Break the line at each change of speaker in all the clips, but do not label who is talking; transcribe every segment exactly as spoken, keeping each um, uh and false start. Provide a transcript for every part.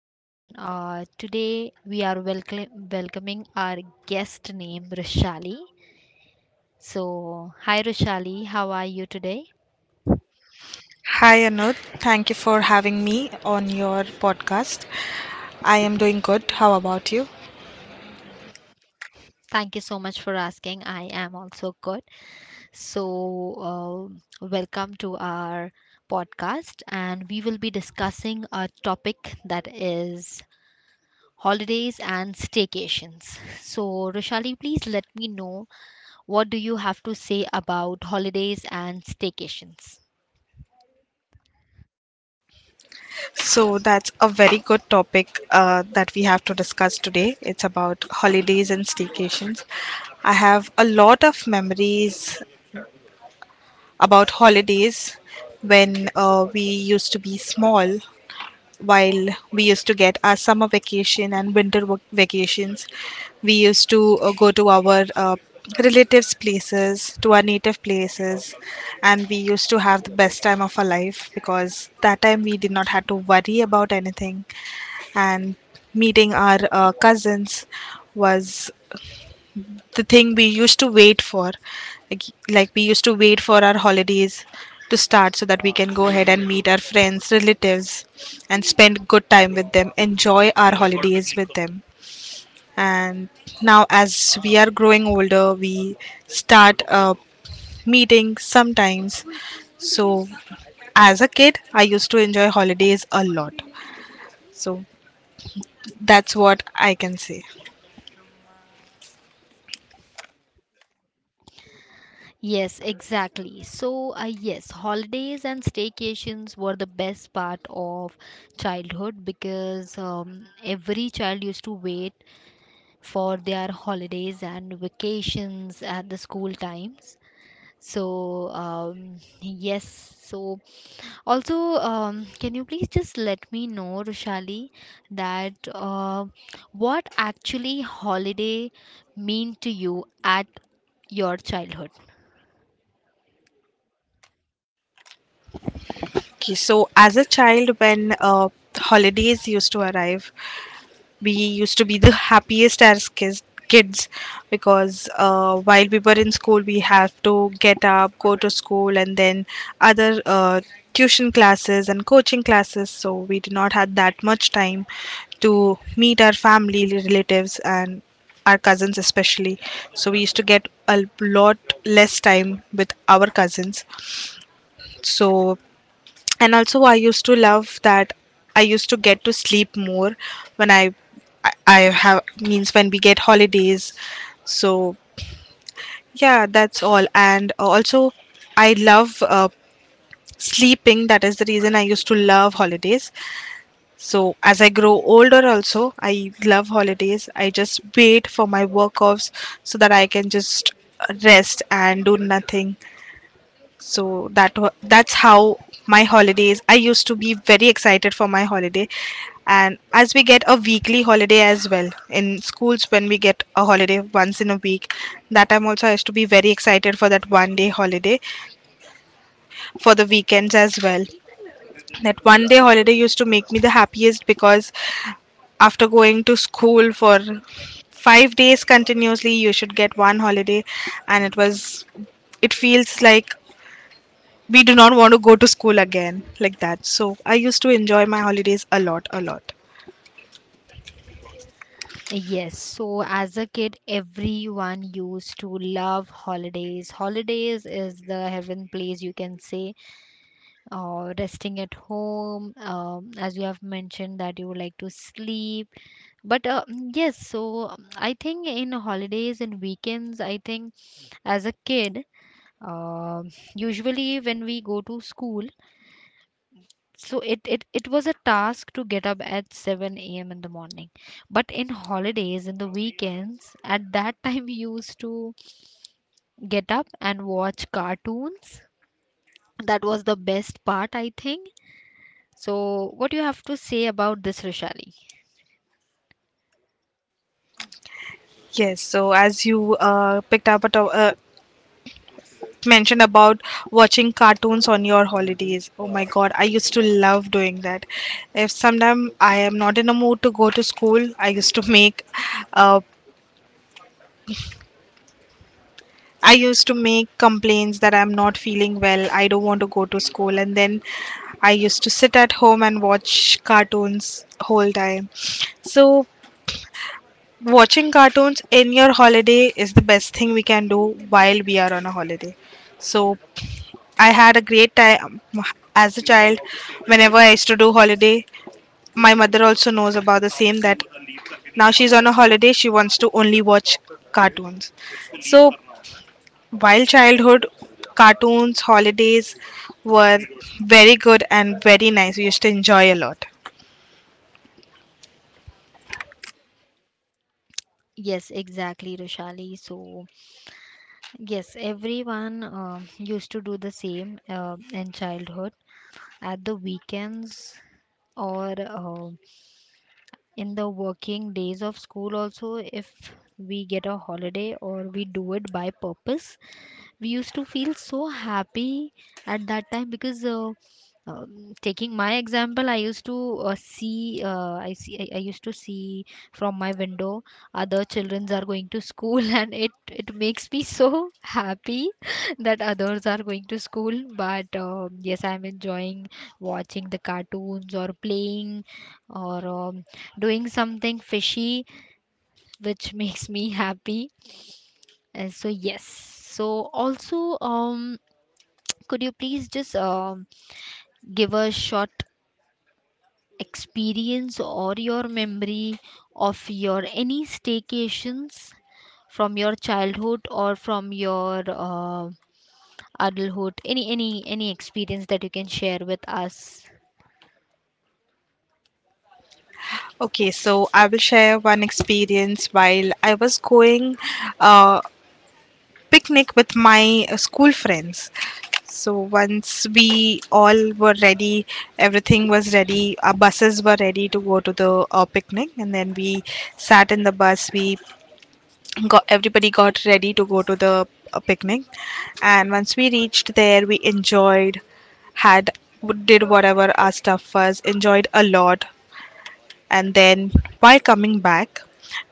and uh, today we are welcome, welcoming our guest named Rishali. So, hi Rishali, how are you today?
Hi Anuj, thank you for having me on your podcast. I am doing good. How about you?
Thank you so much for asking. I am also good. So, uh, welcome to our podcast, and we will be discussing a topic that is holidays and staycations. So, Rishali, please let me know what do you have to say about holidays and staycations.
So that's a very good topic uh, that we have to discuss today. It's about holidays and staycations. I have a lot of memories about holidays when uh, we used to be small while we used to get our summer vacation and winter vac- vacations. We used to uh, go to our uh, relatives' places, to our native places, and we used to have the best time of our life because that time we did not have to worry about anything, and meeting our uh, cousins was the thing we used to wait for. like, like we used to wait for our holidays to start so that we can go ahead and meet our friends relatives and spend good time with them, enjoy our holidays with them. And now as we are growing older we start uh, meeting sometimes. So as a kid i used to enjoy holidays a lot. So that's what i can say.
Yes, exactly. So, uh, yes, holidays and staycations were the best part of childhood because um, every child used to wait for their holidays and vacations at the school times. So, um, yes, so also, um, can you please just let me know, Rushali, that uh, what actually holiday mean to you at your childhood?
Okay, so as a child when uh, holidays used to arrive we used to be the happiest as kids kids because uh, while we were in school we have to get up, go to school, and then other uh, tuition classes and coaching classes, so we did not have that much time to meet our family relatives and our cousins especially. So we used to get a lot less time with our cousins. So and also i used to love that i used to get to sleep more when i i, I have means when we get holidays. So yeah, that's all. And also i love uh, sleeping, that is the reason i used to love holidays. So as i grow older also i love holidays, i just wait for my work offs so that i can just rest and do nothing. So that wa- that's how my holidays. I used to be very excited for my holiday, and as we get a weekly holiday as well in schools, when we get a holiday once in a week, that time also I used to be very excited for that one day holiday, for the weekends as well. That one day holiday used to make me the happiest because after going to school for five days continuously, you should get one holiday, and it was, it feels like we do not want to go to school again like that, so i used to enjoy my holidays a lot, a lot.
Yes, so as a kid, everyone used to love holidays. Holidays is the heaven place, you can say. Uh, resting at home, um, as you have mentioned that you would like to sleep. But uh, mm, yes, so um, I think in holidays and weekends, I think as a kid, um usually when we go to school, so it, it it was a task to get up at seven a.m. in the morning, but in holidays, in the weekends, at that time we used to get up and watch cartoons. That was the best part, I think. So what do you have to say about this, Rishali?
Yes, so as you uh, picked up a to- uh, mentioned about watching cartoons on your holidays, oh my god, i used to love doing that. If sometime i am not in a mood to go to school, i used to make uh, i used to make complaints that i'm not feeling well, i don't want to go to school, and then i used to sit at home and watch cartoons whole time. So watching cartoons in your holiday is the best thing we can do while we are on a holiday. So I had a great time as a child. Whenever I used to do holiday, my mother also knows about the same, that now she's on a holiday, she wants to only watch cartoons. So while childhood, cartoons, holidays were very good and very nice. We used to enjoy a lot.
Yes, exactly, Rishali. So yes, everyone uh, used to do the same uh, in childhood, at the weekends or uh, in the working days of school also. If we get a holiday or we do it by purpose, we used to feel so happy at that time because uh, um, taking my example, I used to uh, see uh, I see I, I used to see from my window other children are going to school and it it makes me so happy that others are going to school, but um yes, I'm enjoying watching the cartoons or playing, or um, doing something fishy which makes me happy. Uh, so yes so Also, um could you please just um give a short experience or your memory of your any staycations from your childhood or from your uh, adulthood? Any any any experience that you can share with us?
Okay, so I will share one experience while I was going uh, picnic with my uh, school friends. So once we all were ready, everything was ready, our buses were ready to go to the uh, picnic, and then we sat in the bus. We got, everybody got ready to go to the uh, picnic, and once we reached there, we enjoyed, had, did whatever our stuff was, enjoyed a lot, and then while coming back,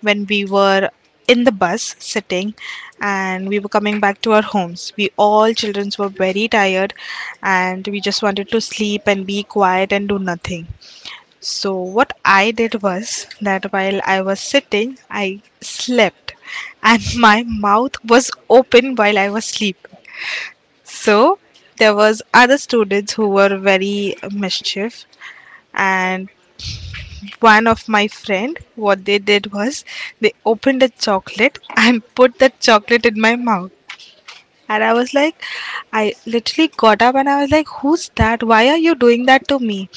when we were in the bus sitting and we were coming back to our homes, we all children were very tired and we just wanted to sleep and be quiet and do nothing. So, what I did was that while I was sitting, I slept and my mouth was open while I was sleeping. So, there was other students who were very mischief, and one of my friend, what they did was, they opened a chocolate and put that chocolate in my mouth, and i was like, i literally got up and i was like, who's that, why are you doing that to me?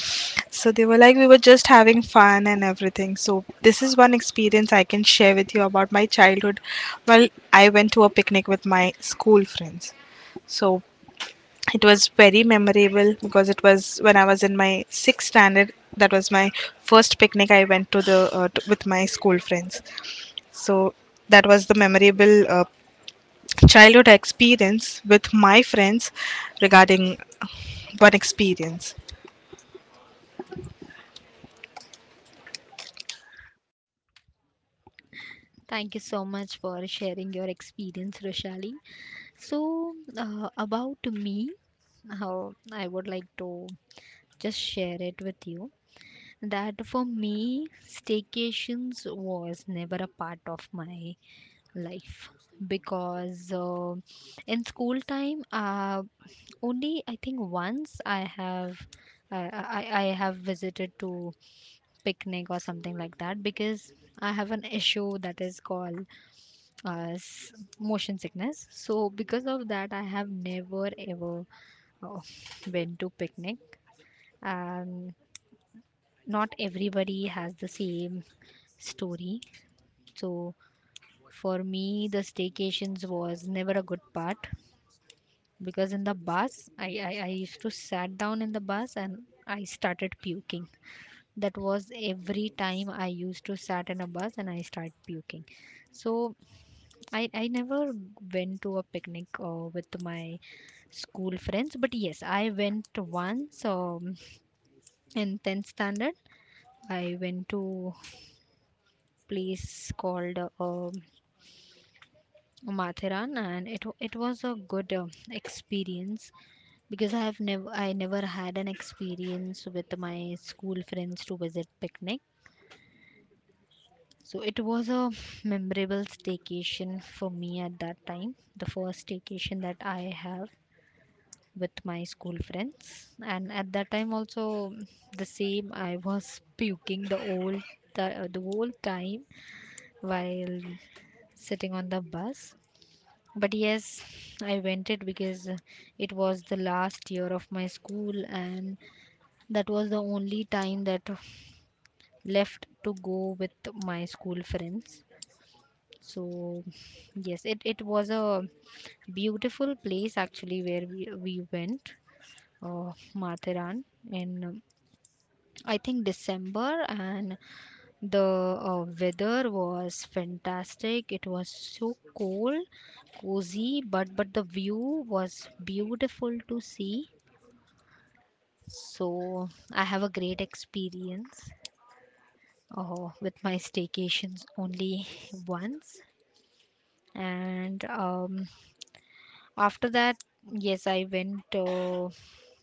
So they were like, we were just having fun and everything. So this is one experience i can share with you about my childhood while i went to a picnic with my school friends. So it was very memorable because it was when I was in my sixth standard. That was my first picnic I went to the uh, t- with my school friends. So that was the memorable uh, childhood experience with my friends regarding one experience.
Thank you so much for sharing your experience, Roshali. So, uh, about me, how I would like to just share it with you that for me, staycations was never a part of my life because uh, in school time, uh, only I think once I have. I, I I have visited to picnic or something like that because I have an issue that is called uh, s- motion sickness. So because of that, I have never ever uh, been to picnic, and not everybody has the same story. So for me, the staycations was never a good part because in the bus, I I, I used to sat down in the bus and I started puking. That was every time. I used to sat in a bus and I start puking. So i i never went to a picnic uh, with my school friends. But yes, I went once um, in tenth standard. I went to place called uh, um, Mathiran and it wa- it was a good uh, experience because i have never I never had an experience with my school friends to visit picnic. So it was a memorable staycation for me at that time, the first staycation that I have with my school friends. And at that time also, the same, I was puking the whole the, the whole time while sitting on the bus. But yes, I went it because it was the last year of my school and that was the only time that left to go with my school friends. So yes, it, it was a beautiful place actually where we, we went, uh, Matharan, in um, I think December, and the uh, weather was fantastic. It was so cold, cozy, but but the view was beautiful to see. So I have a great experience uh, with my staycations, only once. And um, after that, yes, I went uh,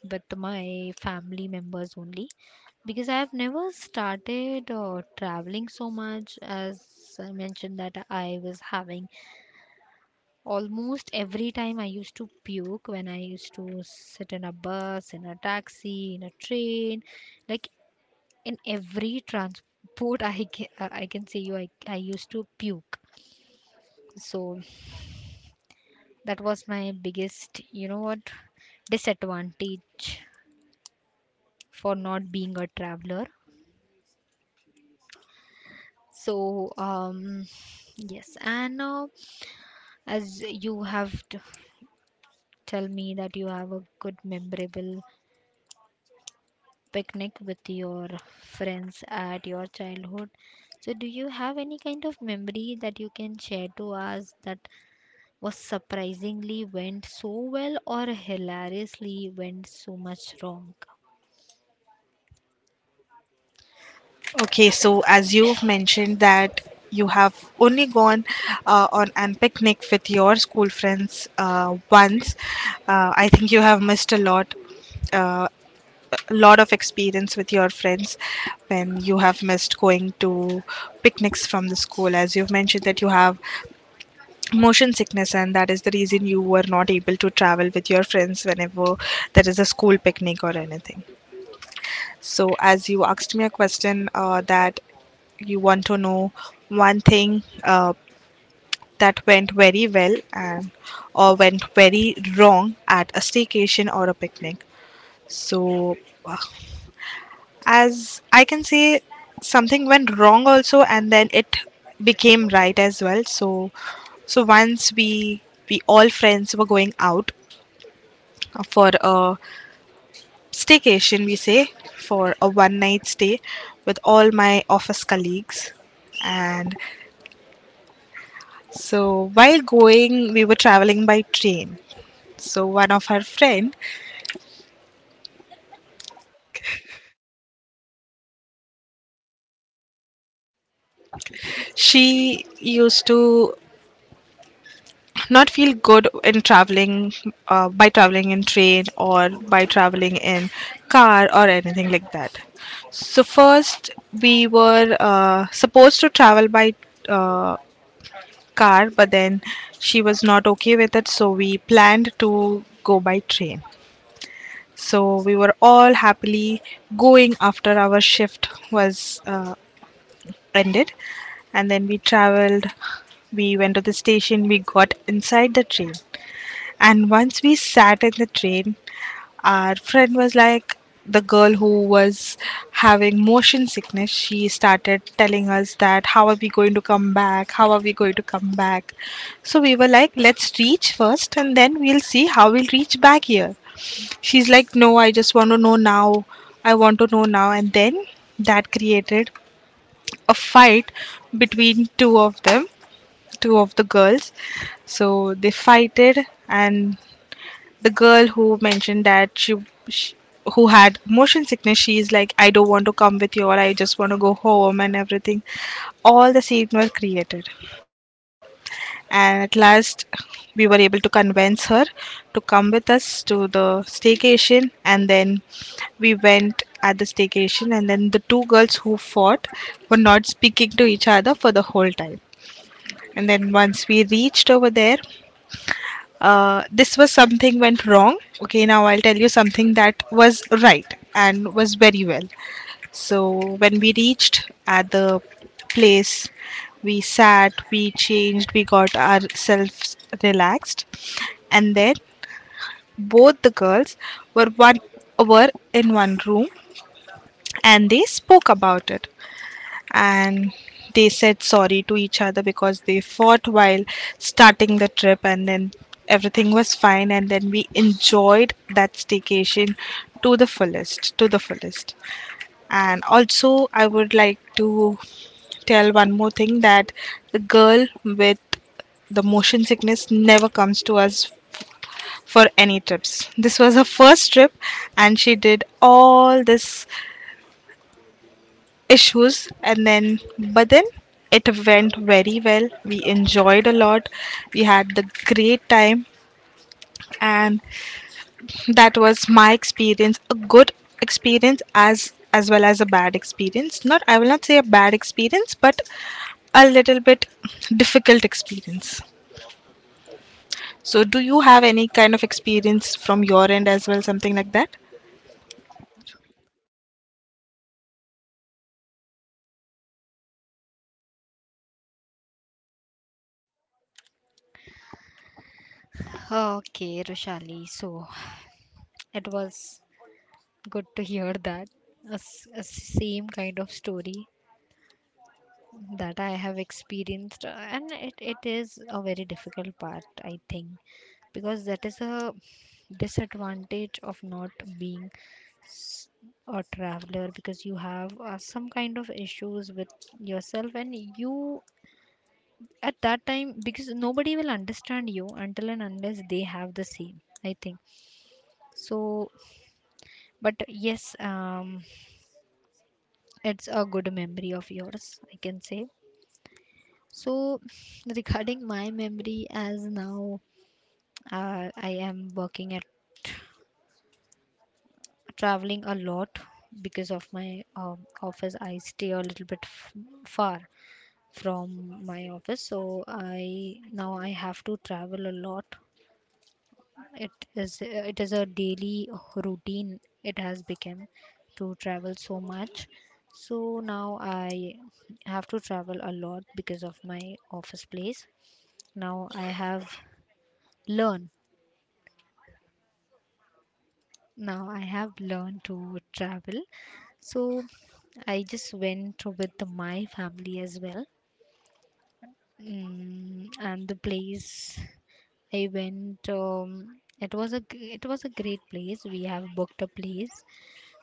with my family members only, because I have never started uh, traveling so much. As I mentioned that I was having almost every time, I used to puke when I used to sit in a bus, in a taxi, in a train, like in every transport I can, I can say you I, I used to puke. So that was my biggest, you know what, disadvantage for not being a traveler. So, um, yes, and uh, as you have t- tell me that you have a good memorable picnic with your friends at your childhood. So, do you have any kind of memory that you can share to us that was surprisingly went so well or hilariously went so much wrong?
Okay, so as you mentioned that you have only gone uh, on an picnic with your school friends uh, once, uh, I think you have missed a lot. Uh, a lot of experience with your friends when you have missed going to picnics from the school, as you've mentioned that you have motion sickness and that is the reason you were not able to travel with your friends whenever there is a school picnic or anything. So as you asked me a question uh, that you want to know one thing uh, that went very well and, or went very wrong at a staycation or a picnic. So as I can say, something went wrong also, and then it became right as well. So, so once we we all friends were going out for a staycation, we say, for a one night stay with all my office colleagues. And so while going, we were traveling by train. So one of her friend, she used to not feel good in traveling, uh, by traveling in train or by traveling in car or anything like that. So first, we were uh, supposed to travel by uh, car, but then she was not okay with it, so we planned to go by train. So we were all happily going after our shift was uh, ended. And then we traveled, we went to the station, we got inside the train, and once we sat in the train, our friend was like, the girl who was having motion sickness, she started telling us that, how are we going to come back? How are we going to come back? So we were like, let's reach first and then we'll see how we'll reach back here. She's like, no, I just want to know now. I want to know now. And then that created a fight between two of them, two of the girls. So they fighted, and the girl who mentioned that she, she who had motion sickness, she's like, i don't want to come with you, or i just want to go home and everything, all the scenes were created, and at last we were able to convince her to come with us to the staycation. And then we went at the staycation, and then the two girls who fought were not speaking to each other for the whole time. And then once we reached over there, uh, this was something went wrong. Okay, now i'll tell you something that was right and was very well. So when we reached at the place, we sat, we changed, we got ourselves relaxed, and then both the girls were one were in one room, and they spoke about it, and they said sorry to each other because they fought while starting the trip. And then everything was fine, and then we enjoyed that staycation to the fullest, to the fullest. And also i would like to tell one more thing, that the girl with the motion sickness never comes to us for any trips. This was her first trip, and she did all this issues, and then but then it went very well, we enjoyed a lot, we had the great time. And that was my experience, a good experience as as well as a bad experience. Not, i will not say a bad experience, but a little bit difficult experience. So do you have any kind of experience from your end as well, something like that?
Okay, Roshali. So, it was good to hear that. A, s- a same kind of story that I have experienced, uh, and it, it is a very difficult part, I think, because that is a disadvantage of not being s- a traveler because you have uh, some kind of issues with yourself, and you at that time, because nobody will understand you until and unless they have the same, I think. So, but yes, um. it's a good memory of yours, I can say. So regarding my memory, as now uh, I am working at traveling a lot because of my um, office. I stay a little bit f- far from my office, so i now I have to travel a lot. It is it is a daily routine, it has become, to travel so much. So now I have to travel a lot because of my office place. Now I have learned. Now I have learned to travel. So I just went with my family as well. Mm, and the place I went, um, it was a g- it was a great place. We have booked a place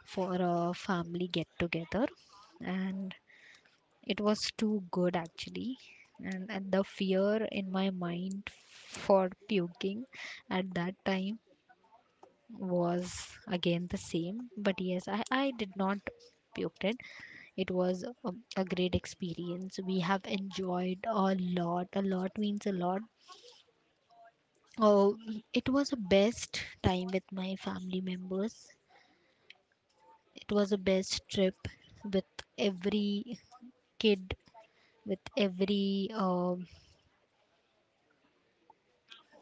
for a family get together and it was too good actually. And, and the fear in my mind for puking at that time was again the same. But yes, i, I did not puked it. It was a, a great experience. We have enjoyed a lot. A lot means a lot. Oh, it was the best time with my family members. It was the best trip with every kid, with every um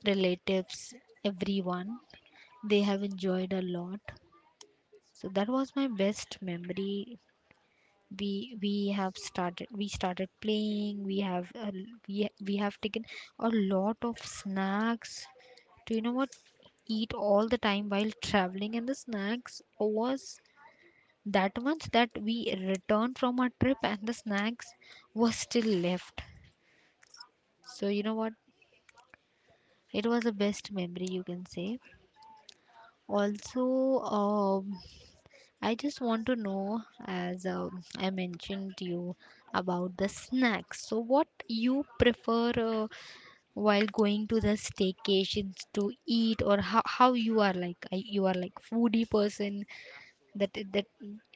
relatives, everyone. They have enjoyed a lot. So that was my best memory. We we have started. We started playing. We have uh, we, we have taken a lot of snacks, do you know what, eat all the time while traveling, and the snacks was that much that we returned from our trip and the snacks was still left. So you know what, it was the best memory, you can say. Also, um, I just want to know, as um I mentioned to you about the snacks. So, what you prefer uh, while going to the staycations to eat, or how, how you are like, uh, you are like foodie person that that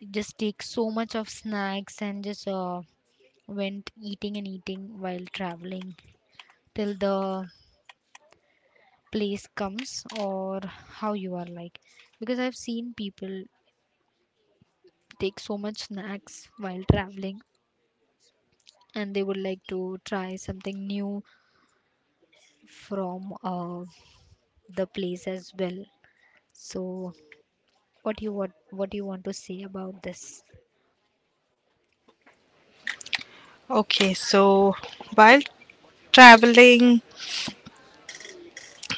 just takes so much of snacks and just uh, went eating and eating while traveling till the place comes, or how you are like, because I've seen people take so much snacks while traveling and they would like to try something new from uh, the place as well. So what do you what what do you want to say about this?
Okay, so while traveling,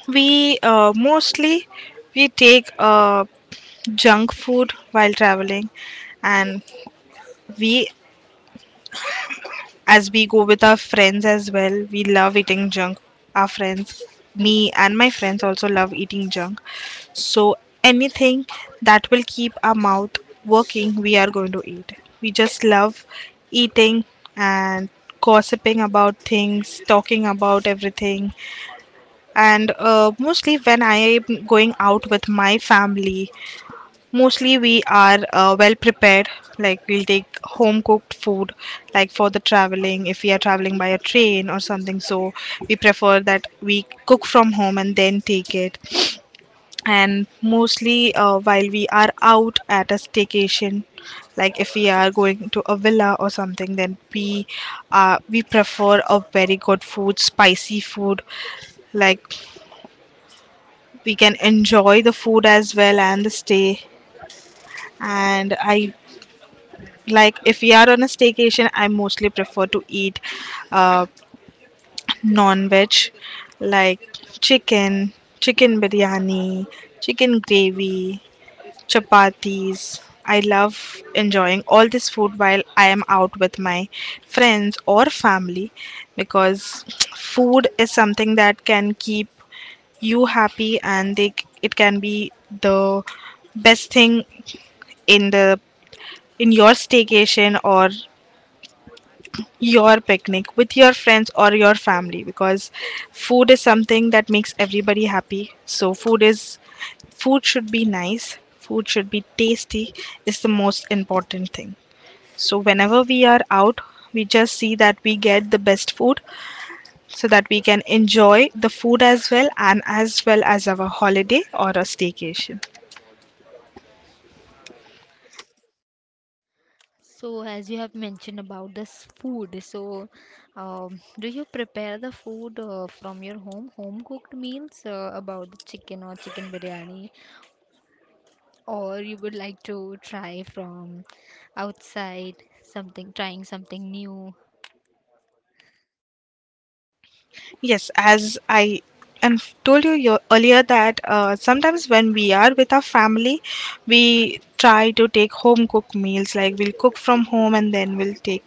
We uh, mostly we take uh, junk food while traveling, and we as we go with our friends as well. We love eating junk. Our friends, me and my friends also love eating junk. So anything that will keep our mouth working, we are going to eat. We just love eating and gossiping about things, talking about everything. And uh, Mostly when I am going out with my family, mostly we are uh, well prepared. Like we'll take home cooked food, like for the traveling, if we are traveling by a train or something, so we prefer that we cook from home and then take it. And mostly uh, while we are out at a staycation, like if we are going to a villa or something, then we uh, we prefer a very good food, spicy food, like we can enjoy the food as well and the stay. And I, like if we are on a staycation, I mostly prefer to eat uh, non-veg, like chicken, chicken biryani, chicken gravy, chapatis. I love enjoying all this food while I am out with my friends or family, because food is something that can keep you happy, and they c- it can be the best thing in the in your staycation or your picnic with your friends or your family, because food is something that makes everybody happy. So food is food should be nice, food should be tasty, is the most important thing. So whenever we are out, we just see that we get the best food, so that we can enjoy the food as well and as well as our holiday or a staycation.
So, as you have mentioned about this food, so um, do you prepare the food uh, from your home, home cooked meals, uh, about the chicken or chicken biryani, or you would like to try from outside something, trying something new?
Yes, as I and told you yo- earlier, that uh, sometimes when we are with our family, we try to take home cooked meals. Like we'll cook from home and then we'll take.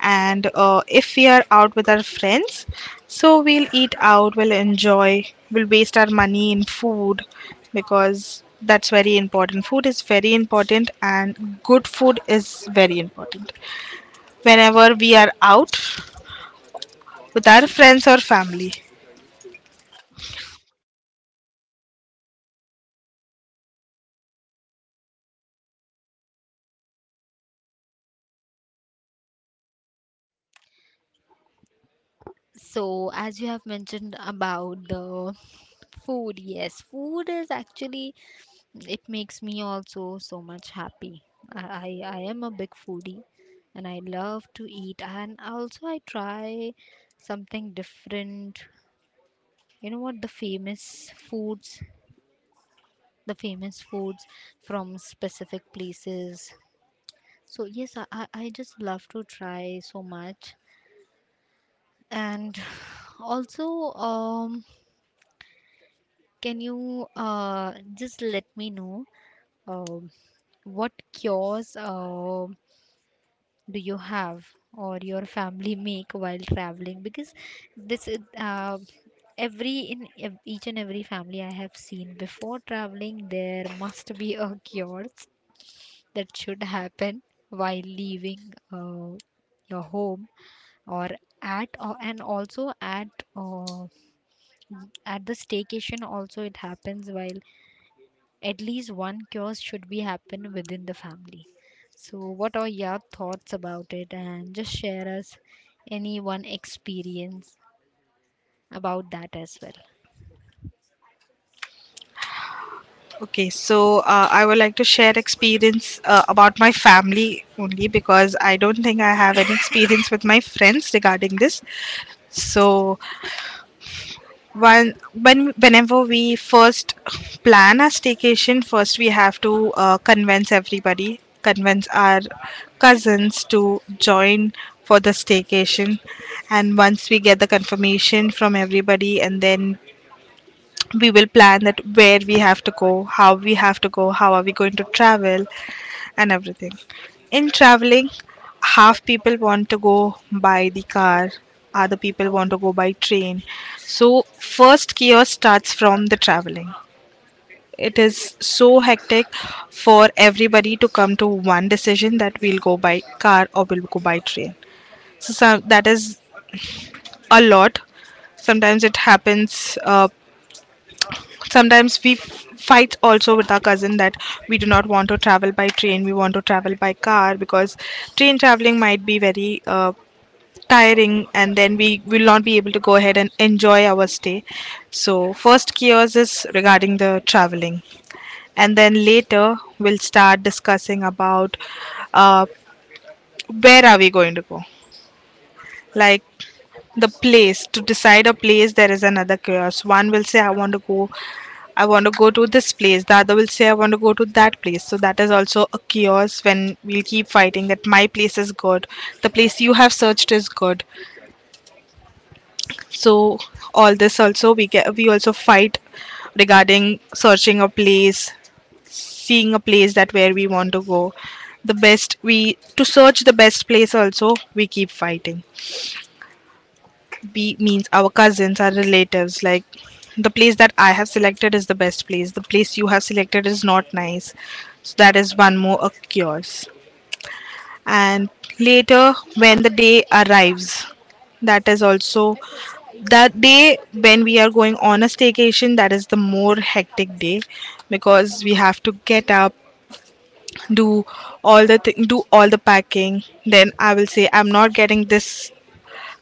And uh, if we are out with our friends, so we'll eat out, we'll enjoy, we'll waste our money in food because that's very important. Food is very important, and good food is very important. Whenever we are out with our friends or family.
So, as you have mentioned about the food, yes, food is actually, it makes me also so much happy. I I, I am a big foodie and I love to eat, and also I try something different. You know what, the famous foods, the famous foods from specific places. So yes, I I I just love to try so much. And also um can you uh, just let me know uh, what cures uh, do you have or your family make while traveling? Because this is uh, every in ev- each and every family I have seen, before traveling, there must be a cures that should happen while leaving uh, your home, or at or, and also at uh, at the staycation also it happens, while at least one cure should be happen within the family. So what are your thoughts about it, and just share us any one experience about that as well?
Okay, so uh, I would like to share experience uh, about my family only, because I don't think I have any experience with my friends regarding this. So when when whenever we first plan our staycation, first we have to uh, convince everybody, convince our cousins to join for the staycation, and once we get the confirmation from everybody, and then we will plan that where we have to go, how we have to go, how are we going to travel, and everything. In traveling, half people want to go by the car, other people want to go by train. So first chaos starts from the traveling. It is so hectic for everybody to come to one decision, that we'll go by car or we'll go by train. So, so that is a lot. Sometimes it happens, uh, sometimes we f- fight also with our cousin, that we do not want to travel by train, we want to travel by car, because train traveling might be very uh, tiring, and then we will not be able to go ahead and enjoy our stay. So first chaos is regarding the traveling. And then later we'll start discussing about uh, where are we going to go. Like the place to decide a place, there is another chaos. One will say I want to go, I want to go to this place. The other will say, I want to go to that place. So that is also a chaos, when we'll keep fighting that my place is good, the place you have searched is good. So all this also we get we also fight regarding searching a place, seeing a place that where we want to go. The best we to search the best place also we keep fighting. B means our cousins, our relatives. Like the place that I have selected is the best place. The place you have selected is not nice. So that is one more occurs. And later, when the day arrives, that is also that day when we are going on a staycation. That is the more hectic day, because we have to get up, do all the thing, do all the packing. Then I will say I'm not getting this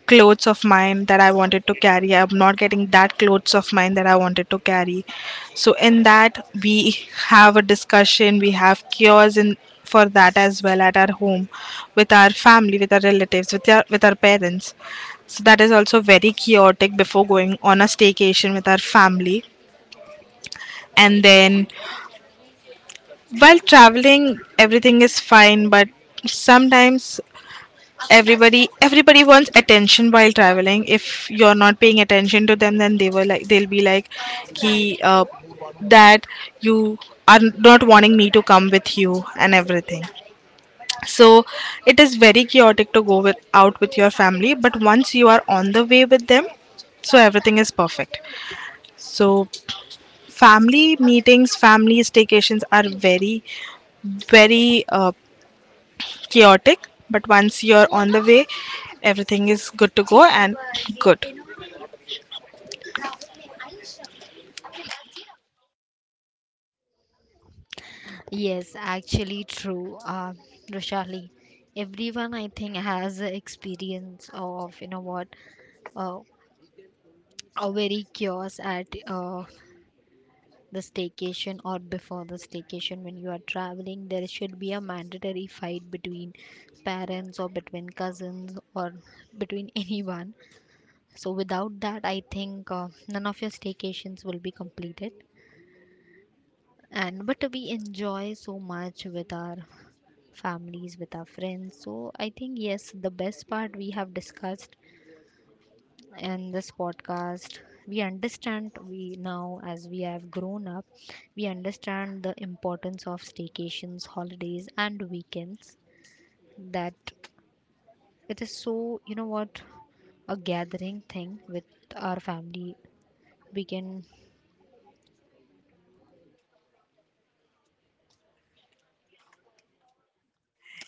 clothes of mine that I wanted to carry. I'm not getting that clothes of mine that I wanted to carry. So in that we have a discussion, we have cures in for that as well, at our home with our family, with our relatives, with our with our parents. So that is also very chaotic before going on a staycation with our family. And then while traveling everything is fine, but sometimes everybody everybody wants attention while traveling. If you're not paying attention to them, then they will like they'll be like ki, uh, that you are not wanting me to come with you, and everything. So it is very chaotic to go with out with your family, but once you are on the way with them, so everything is perfect. So family meetings, family staycations are very very uh, chaotic, but once you're on the way, everything is good to go and good.
Yes, actually true, uh, Roshali. Everyone, I think, has a experience of, you know what, uh, a very chaos at uh, the staycation or before the staycation. When you are traveling, there should be a mandatory fight between parents or between cousins or between anyone. So without that, I think uh, none of your staycations will be completed. And but we enjoy so much with our families, with our friends, so I think yes, the best part we have discussed. And this podcast, we understand, we now, as we have grown up, we understand the importance of staycations, holidays and weekends, that it is so, you know what, a gathering thing with our family we can.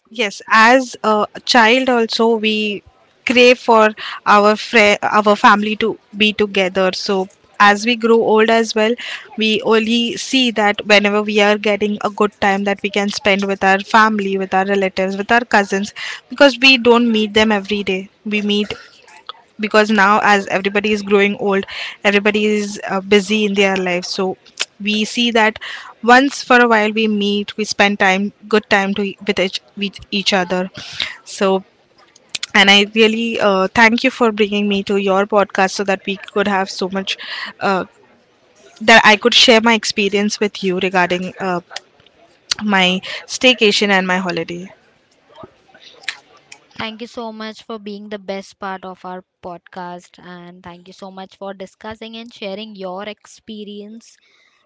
Yes, as a child also we crave for our fre- our family to be together. So as we grow old as well, we only see that whenever we are getting a good time that we can spend with our family, with our relatives, with our cousins, because we don't meet them every day. We meet, because now as everybody is growing old, everybody is uh, busy in their life. So we see that once for a while we meet, we spend time, good time, to e-, with each, with each other. So and I really uh, thank you for bringing me to your podcast, so that we could have so much uh, that I could share my experience with you regarding uh, my staycation and my holiday.
Thank you so much for being the best part of our podcast. And thank you so much for discussing and sharing your experience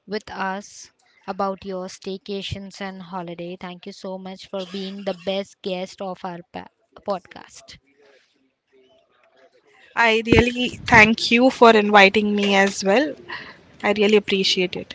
with us about your staycations and holiday. Thank you so much for being the best guest of our pa- podcast.
I really thank you for inviting me as well. I really appreciate it.